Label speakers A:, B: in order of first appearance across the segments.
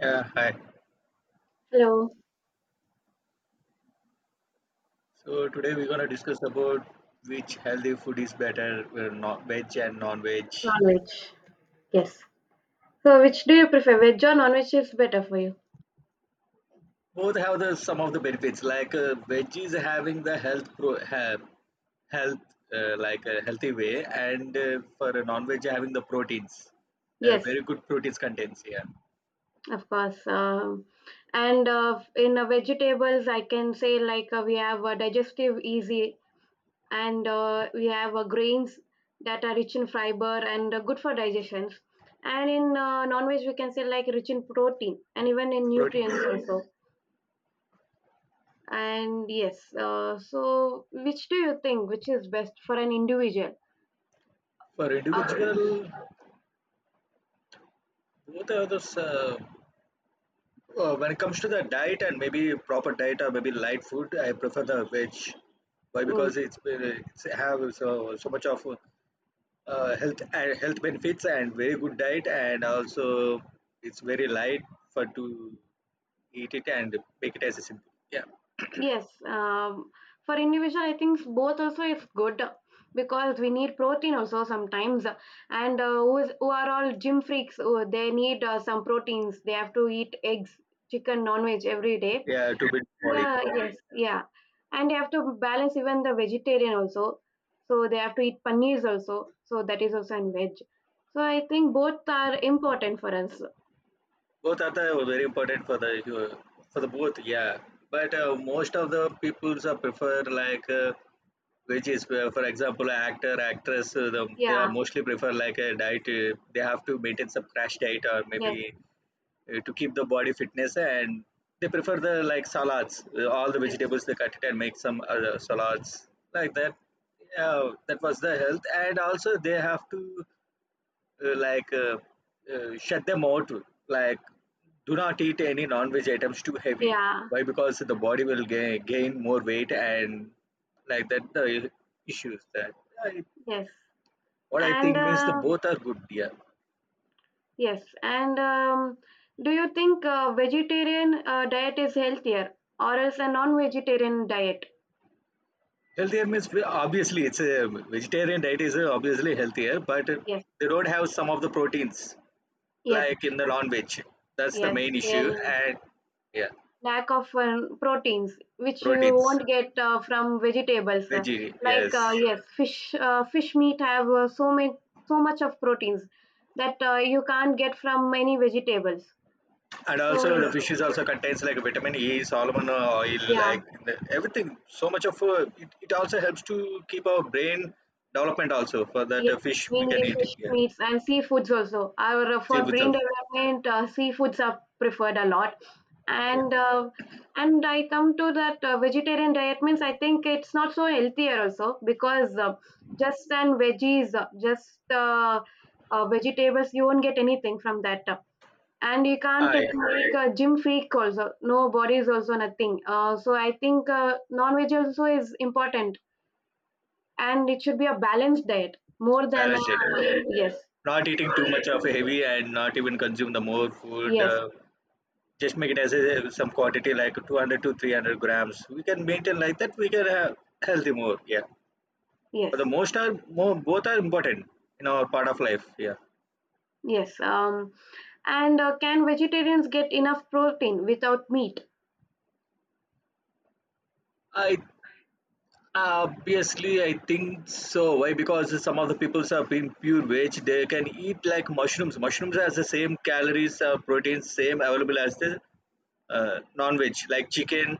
A: Yeah, hi.
B: Hello.
A: So today we're gonna discuss about which healthy food is better, non veg and non-veg.
B: Non-veg. Yes. So, which do you prefer, veg or non-veg is better for you?
A: Both have the some of the benefits. Like veg is having the health, like a healthy way, and for a non-veg having the proteins,
B: Yes,
A: very good proteins contents. Here
B: of course. And in vegetables, I can say, like we have digestive easy, and we have grains that are rich in fiber and good for digestions. And in non-veg, we can say like rich in protein and even in
A: proteins
B: nutrients also. And yes, so which do you think, which is best for an individual?
A: for
B: Uh,
A: individual. Both are those. When it comes to the diet and maybe proper diet or maybe light food, I prefer the veg. Why? Because it's have so much of health and health benefits and very good diet, and also it's very light for to eat it and make it as a simple. Yeah.
B: Yes, for individual, I think both also is good, because we need protein also sometimes, and who are all gym freaks? Who, they need some proteins. They have to eat eggs, chicken, non-veg every day.
A: Yeah, to build body.
B: Uh,
A: Yeah.
B: yes, yeah, and they have to balance even the vegetarian also. So they have to eat paneers also. So that is also in veg. So I think both are important for us.
A: Both are the very important for the both, yeah. But most of the peoples are prefer like which is for example actor actress, they are
B: Yeah.
A: mostly prefer like a diet. They have to maintain some crash diet, or
B: Yes.
A: maybe to keep the body fitness, and they prefer the like salads, all the
B: Yes.
A: vegetables they cut it and make some other salads like that. Yeah, that was the health, and also they have to uh, like uh, shut them out, like, do not eat any non-veg items too heavy.
B: Yeah.
A: Why? Because the body will gain more weight, and like that the issues that I,
B: Yes.
A: what I
B: And
A: think means the both are good, yeah.
B: Yes, and do you think vegetarian diet is healthier, or is a non-vegetarian diet?
A: Healthier means obviously it's a vegetarian diet is, obviously healthier, but
B: Yes,
A: they don't have some of the proteins
B: yes,
A: like in the non-veg. That's the
B: yes.
A: main issue.
B: Then
A: And yeah,
B: lack of proteins, which you
A: proteins,
B: won't get from vegetables.
A: veggie,
B: Like
A: yes.
B: yes, fish, fish meat have so much of proteins that you can't get from many vegetables.
A: And
B: So
A: also the
B: yes,
A: fishes also contains like vitamin E, salmon oil,
B: yeah.
A: like everything. So much of it also helps to keep our brain development also. For that
B: Yeah,
A: fish we
B: mainly
A: can eat it
B: fish
A: here.
B: meats and seafoods also. Our
A: See
B: For
A: with
B: brain
A: us.
B: development, seafoods are preferred a lot.
A: Yeah.
B: And uh, and I come to that, vegetarian diet means I think it's not so healthier also, because just and veggies, just vegetables, you won't get anything from that. And you can't
A: I
B: even make a gym freak also. No bodies also nothing. So I think non-veg also is important, and it should be a balanced diet more than a,
A: Balanced diet. Yeah.
B: yes,
A: Not eating too much of heavy and not even consume the more food.
B: yes,
A: Just make it as a, some quantity like 200 to 300 grams. We can maintain like that. We can have healthy more. Yeah.
B: yes,
A: But the most are more both are important in our part of life. Yeah.
B: yes. And can vegetarians get enough protein without meat?
A: I Obviously, I think so. Why? Because some of the peoples have been pure veg. They can eat like mushrooms. Mushrooms has the same calories, proteins, same available as the non-veg. Like chicken,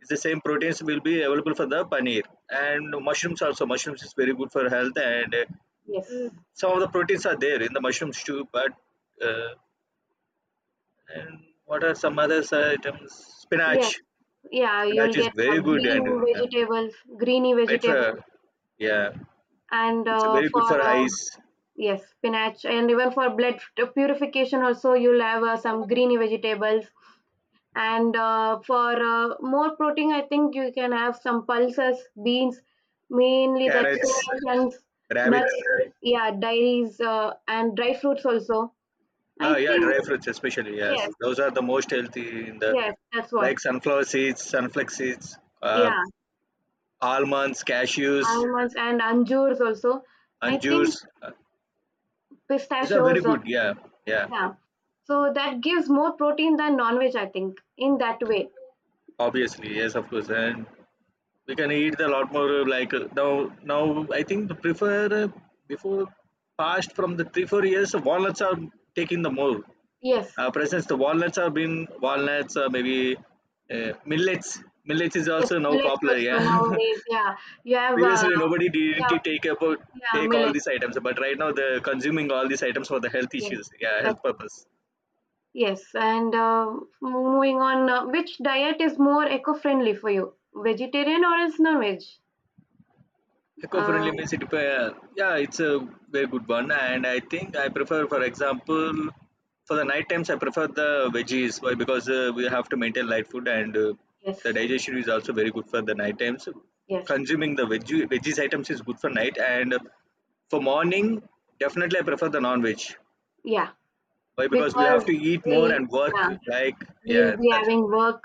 A: is the same proteins will be available for the paneer. And mushrooms also. Mushrooms is very good for health, and
B: Yes,
A: some of the proteins are there in the mushrooms too. But uh, and what are some other items?
B: yes,
A: Spinach.
B: yeah. You'll
A: Spinach is
B: get
A: very good,
B: green
A: and yeah,
B: vegetables, greeny vegetables,
A: better. Yeah.
B: and
A: It's
B: uh,
A: very good
B: for
A: for eyes,
B: yes, spinach and even for blood purification also. You'll have some greeny vegetables, and for more protein, I think you can have some pulses, beans, mainly that
A: carrots,
B: soya chunks,
A: rabbits.
B: nuts. Yeah, dairies and dry fruits also, I
A: Ah, yeah,
B: think.
A: dry fruits especially. Yes,
B: Yes.
A: those are the most healthy in the,
B: Yes, that's what.
A: like sunflower seeds,
B: Yeah,
A: almonds, cashews,
B: almonds and anjurs also, I think.
A: anjurs. Uh, these are very
B: Pistachios,
A: good. Yeah, yeah.
B: yeah. So that gives more protein than non-veg, I think, in that way.
A: Obviously, yes, of course, and we can eat a lot more. Like now I think the prefer, before past from the 3 or 4 years walnuts are taking the more.
B: Yes.
A: For instance, the walnuts are been walnuts, or maybe millets. Millets is
B: Yes,
A: also now
B: millets
A: popular.
B: also
A: Yeah,
B: nowadays. Yeah, you have
A: previously nobody didn't
B: yeah,
A: take about
B: yeah,
A: take all
B: millet.
A: these items, but right now they're consuming all these items for the health
B: Yes.
A: issues. Yeah, health purpose.
B: Yes, and moving on, which diet is more eco-friendly for you? Vegetarian, or is non-veg?
A: Eco-friendly
B: Um,
A: means it depends. Yeah, it's a very good one, and I think I prefer, for example, for the night times I prefer the veggies. Why? Because we have to maintain light food, and
B: yes,
A: the digestion is also very good for the night times.
B: yes,
A: Consuming the veggies items is good for night, and for morning definitely I prefer the non-veg.
B: yeah.
A: Why? Because we have
B: Because
A: to eat more
B: we,
A: and
B: yeah,
A: work. Like
B: we'll
A: yeah,
B: be
A: that's
B: having work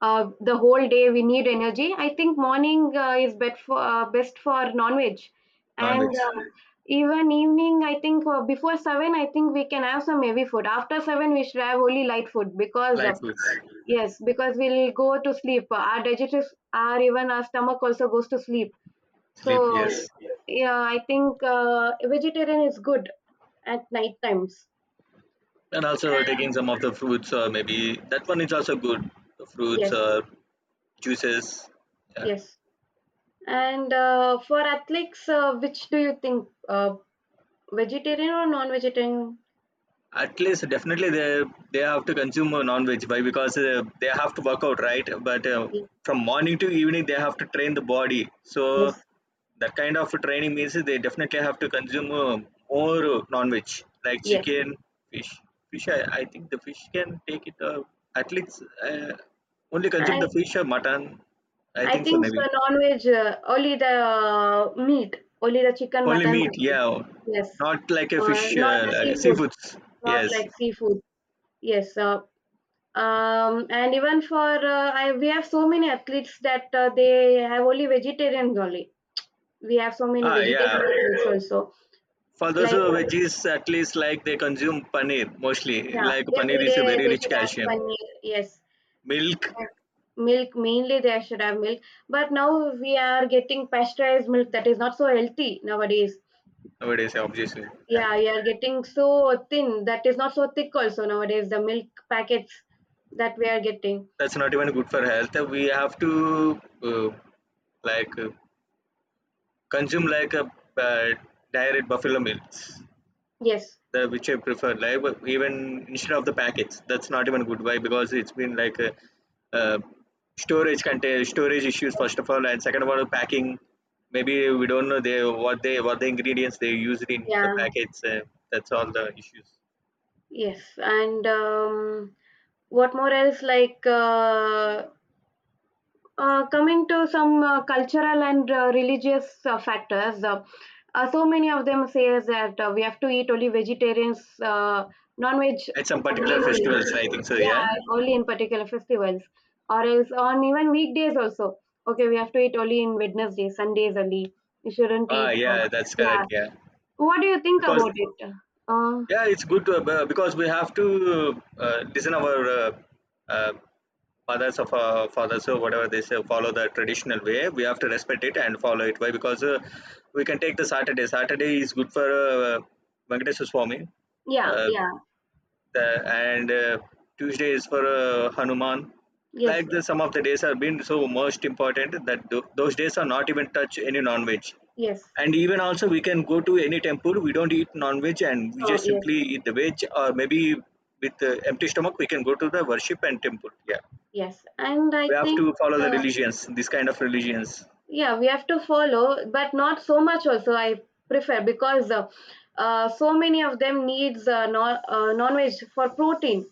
B: the whole day. We need energy. I think morning is best for, non-veg, and
A: non-veg,
B: uh, even evening. I think before 7, I think we can have some heavy food. After 7, we should have only light food, because
A: light
B: uh,
A: foods.
B: yes, because we'll go to sleep. Our digestive, our, even our stomach also goes to sleep.
A: Sleep,
B: So
A: yes.
B: yeah, I think vegetarian is good at night times.
A: And also
B: And-
A: taking some of the fruits or maybe that one is also good, the fruits
B: Yes,
A: or juices, yeah.
B: yes. And for athletes, which do you think, vegetarian or non-vegetarian?
A: At least definitely they have to consume a non-veg by because they have to work out right, but
B: Yes,
A: from morning to evening they have to train the body. So
B: yes,
A: that kind of training means they definitely have to consume more non-veg like
B: yes.
A: chicken, fish fish. I think the fish can take it, at least, uh, only consume
B: I
A: the fish or mutton, I
B: I
A: think so
B: think so,
A: maybe.
B: non-veg, only the meat, only the chicken,
A: Only
B: mutton.
A: meat, yeah.
B: Yes,
A: Not like a fish,
B: not the
A: like
B: seafood,
A: seafoods.
B: not
A: Yes.
B: like seafood. Yes, and even for, we have so many athletes that they have only vegetarians only. We have so many
A: Ah,
B: vegetarian
A: yeah.
B: athletes also,
A: For those
B: like
A: who are veggies, at least like they consume paneer mostly.
B: yeah,
A: Like paneer
B: every
A: is a
B: day
A: very
B: they
A: rich
B: should have
A: calcium.
B: paneer. Yes.
A: Milk
B: Milk, mainly they should have milk, but now we are getting pasteurized milk that is not so healthy nowadays.
A: nowadays, obviously, yeah.
B: Yeah, you are getting so thin, that is not so thick also nowadays, the milk packets that we are getting.
A: That's not even good for health. We have to like uh, consume like a, uh, direct buffalo milk.
B: Yes,
A: The which I prefer live, but even instead of the packets. That's not even good. Why? Because it's been like a, uh, storage issues
B: yes,
A: first of all, and second of all, packing. Maybe we don't know they what the ingredients they used in the
B: yeah,
A: packets. That's all the issues
B: yes. and What more else, like coming to some cultural and religious factors, so many of them says that we have to eat only vegetarians, non-veg
A: at some particular
B: mainly.
A: festivals. I think so. Yeah.
B: Yeah, only in particular festivals, or else on even weekdays also. Okay, we have to eat only in Wednesday, Sundays only. We shouldn't
A: Ah,
B: eat,
A: yeah, that's
B: yeah.
A: correct. Yeah,
B: What do you think
A: because
B: about it? Uh,
A: yeah, it's good to, because we have to listen our uh, fathers of fathers or whatever they say, follow the traditional way. We have to respect it and follow it. Why? Because we can take the Saturday. Saturday is good for Venkateswar Swami.
B: yeah,
A: Uh,
B: yeah,
A: the, and Tuesday is for Hanuman.
B: yes,
A: Like the some of the days have been so most important that those days are not even touch any non-veg.
B: yes.
A: And even also we can go to any temple, we don't eat non-veg, and we
B: Oh,
A: just
B: yes.
A: simply eat the veg, or maybe with empty stomach we can go to the worship and temple, yeah.
B: Yes, and
A: We
B: I
A: have
B: think
A: to follow the
B: uh,
A: religions, this kind of religions.
B: yeah, we have to follow, but not so much also. I prefer, because so many of them needs non-veg for protein.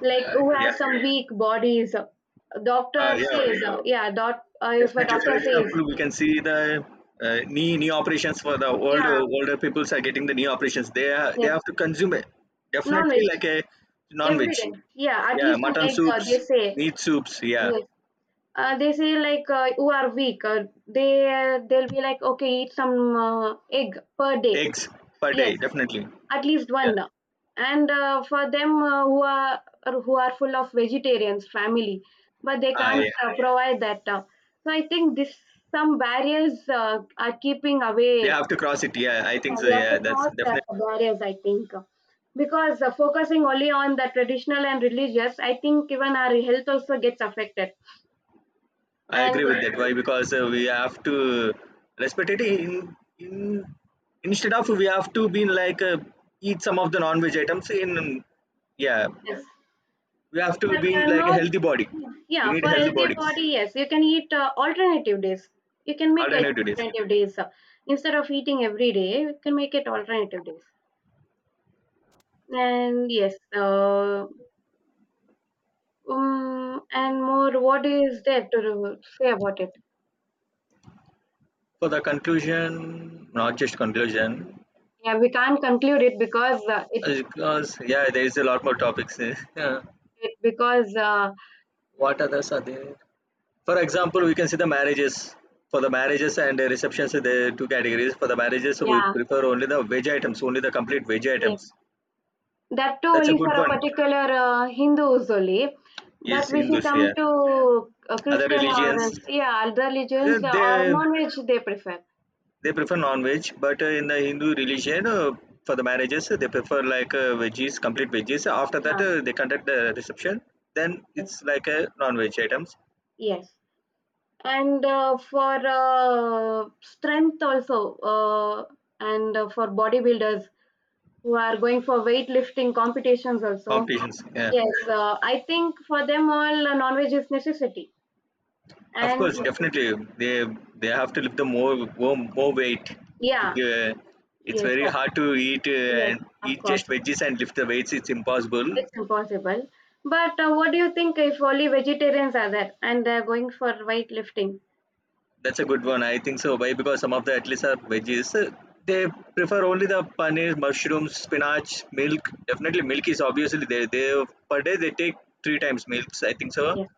B: Like
A: uh,
B: who has some weak bodies,
A: yeah.
B: doctor
A: Yeah.
B: says, yeah. Dot If a
A: Definitely, for
B: doctor says,
A: example, we can see the knee operations for the older
B: yeah,
A: older peoples are getting the knee operations. They
B: yes,
A: have to consume it definitely
B: non-veg
A: like a
B: every
A: non-veg.
B: day. Yeah, at
A: Yeah,
B: least an
A: mutton
B: egg.
A: soups,
B: They say
A: meat soups, yeah.
B: yes. They say, like who are weak. They'll be like, okay, eat some egg per day.
A: Eggs per day,
B: Yes,
A: definitely,
B: at least
A: yeah.
B: one. And for them, who are full of vegetarians family, but they
A: Ah
B: can't
A: yeah,
B: provide that, so I think this, some barriers are keeping
A: they
B: away.
A: have to cross it, yeah, I think
B: Yeah,
A: so,
B: we have to
A: yeah, that's
B: cross
A: definitely.
B: that barriers, I think, because focusing only on the traditional and religious, I think even our health also gets affected,
A: I
B: and
A: agree with that. Why? Because we have to respect it. In instead of we have to be like, eat some of the non-veg items. In yeah,
B: yes.
A: we have to
B: But
A: be in
B: uh,
A: like a
B: not,
A: healthy body. We
B: yeah,
A: need
B: for
A: healthy
B: healthy
A: bodies.
B: body, yes, you can eat alternative days. You can make it
A: Alternative to this.
B: alternative days. Instead of eating every day, you can make it alternative days. And yes, and more, what is there to say about it?
A: For the conclusion, not just conclusion,
B: Yeah, we can't conclude it, because it's
A: because yeah, there is a lot more topics. Yeah.
B: it because
A: What others are there? For example, we can see the marriages. For the marriages and the receptions, there are two categories. For the marriages we
B: yeah,
A: prefer only the veg items, only the complete veg
B: yeah.
A: items.
B: That too
A: That's a
B: only
A: good
B: for a
A: one.
B: particular Hindus only.
A: Is
B: But if you
A: Hindus
B: come
A: here,
B: to
A: other
B: Christian, or
A: religions,
B: yeah, other
A: uh,
B: religions, or
A: they
B: non-veg they prefer.
A: they prefer non-veg. But in the Hindu religion, for the marriages, they prefer like, veggies, complete veggies. After that,
B: Yeah.
A: they conduct the reception, then
B: Yes.
A: it's like a non-veg items.
B: Yes. And for strength also, and for bodybuilders who are going for weightlifting competitions also.
A: Competitions, yeah.
B: Yes, I think for them all, non-veg is necessity.
A: Of
B: And
A: course, definitely, they they have to lift the more, more weight to
B: yeah,
A: it's
B: yes,
A: very
B: sir.
A: hard to eat
B: Yes,
A: and
B: of
A: eat
B: course.
A: just veggies and lift the weights. It's impossible.
B: It's impossible. But what do you think if only vegetarians are there and they're going for weightlifting?
A: That's a good one. I think so. Why? Because some of the athletes are veggies. They prefer only the paneer, mushrooms, spinach, milk. Definitely, milk is obviously there. They Per day they take three times milks. I think so.
B: Yes.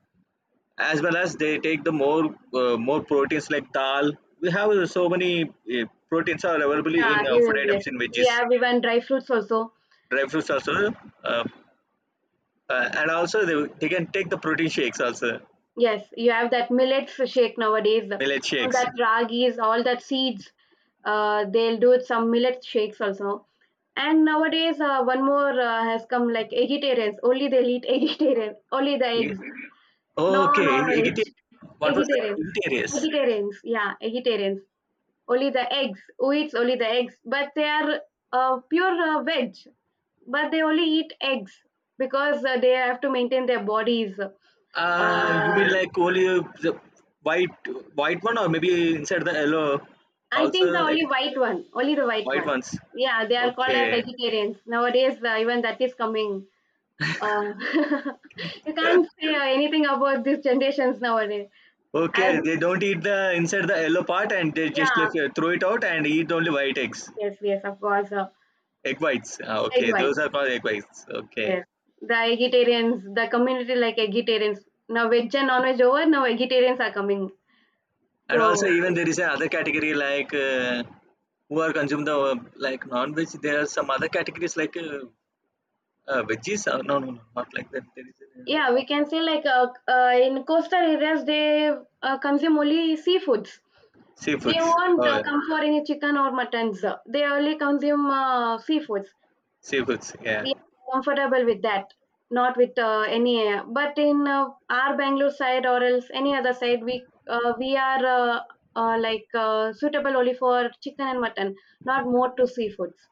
A: As well as they take the more, more proteins like dal. We have so many uh, proteins are available in
B: Yeah,
A: food
B: even yes.
A: items in
B: We
A: veggies,
B: have even dry fruits also.
A: dry fruits also. Uh, and also they can take the protein shakes also,
B: Yes, you have that millets shake nowadays.
A: millet
B: All
A: shakes.
B: that ragis, all that seeds. They'll do some millet shakes also. And nowadays, one more has come, like vegetarians. Only they'll eat vegetarian. Only the
A: We-
B: eggs. No,
A: okay,
B: no, no.
A: vegetarian, what was it?
B: Vegetarians.
A: Vegetarians.
B: Vegetarians. Yeah, vegetarians. Only the eggs, who eats only the eggs, but they are pure veg, but they only eat eggs, because they have to maintain their bodies,
A: You
B: uh,
A: mean like only the white white one or maybe inside the yellow
B: I
A: also,
B: think the
A: like,
B: only white one, only the white
A: white
B: one.
A: ones.
B: Yeah, they are called as
A: okay
B: vegetarians nowadays. Even that is coming. uh, you can't say anything about these generations nowadays.
A: okay
B: As
A: They don't eat the inside the yellow part, and they just
B: Yeah,
A: like, throw it out and eat only white eggs.
B: yes, yes, of course.
A: Egg whites. Ah,
B: Egg
A: okay,
B: white.
A: those are called egg whites, okay.
B: Yes, the vegetarians, the community, like vegetarians. Now veg and non-veg over, now vegetarians are coming.
A: And
B: So
A: also, even there is another category like, who are consume the like non-veg. There are some other categories like veggies. No, no, no, not like that. There is another
B: yeah, we can
A: category.
B: say, like in coastal areas, they consume only seafoods. They
A: Seafoods.
B: won't
A: Oh,
B: come for any chicken or muttons. They only consume seafoods.
A: seafoods. Yeah.
B: We are comfortable with that, not with any. But in our Bangalore side or else any other side, we are, like suitable only for chicken and mutton, not more to seafoods.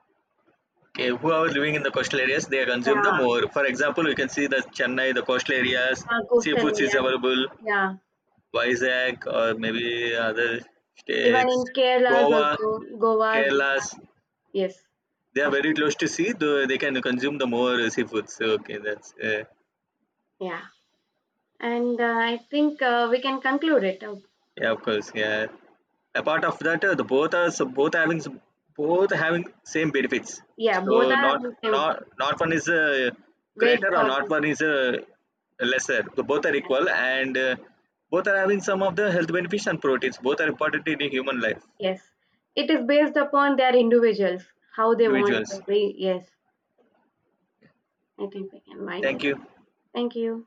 A: Okay. Who are living in the coastal areas, they consume the
B: Yeah,
A: more. For example, we can see the Chennai, the coastal areas,
B: yeah, coastal
A: seafoods is
B: areas.
A: available.
B: Yeah,
A: Vizag or maybe other
B: even in
A: states,
B: Kerala's
A: Goa,
B: also, Goa's.
A: Kerala's.
B: Yes,
A: They are
B: of
A: very close to sea, though they can consume the more seafoods. So, okay, that's
B: yeah. And I think we can conclude it.
A: yeah, of course, yeah. Apart of that, the both are so both having same benefits.
B: Yeah,
A: So
B: both are
A: not
B: the same.
A: not one is
B: Veg
A: greater, or
B: or yeah.
A: not one is lesser. So both are equal, and both are having some of the health benefits and proteins. Both are important in human life,
B: Yes, it is based upon their individuals, how they want to
A: individuals.
B: be. Yes, I think I can mind it.
A: Thank you.
B: Thank you.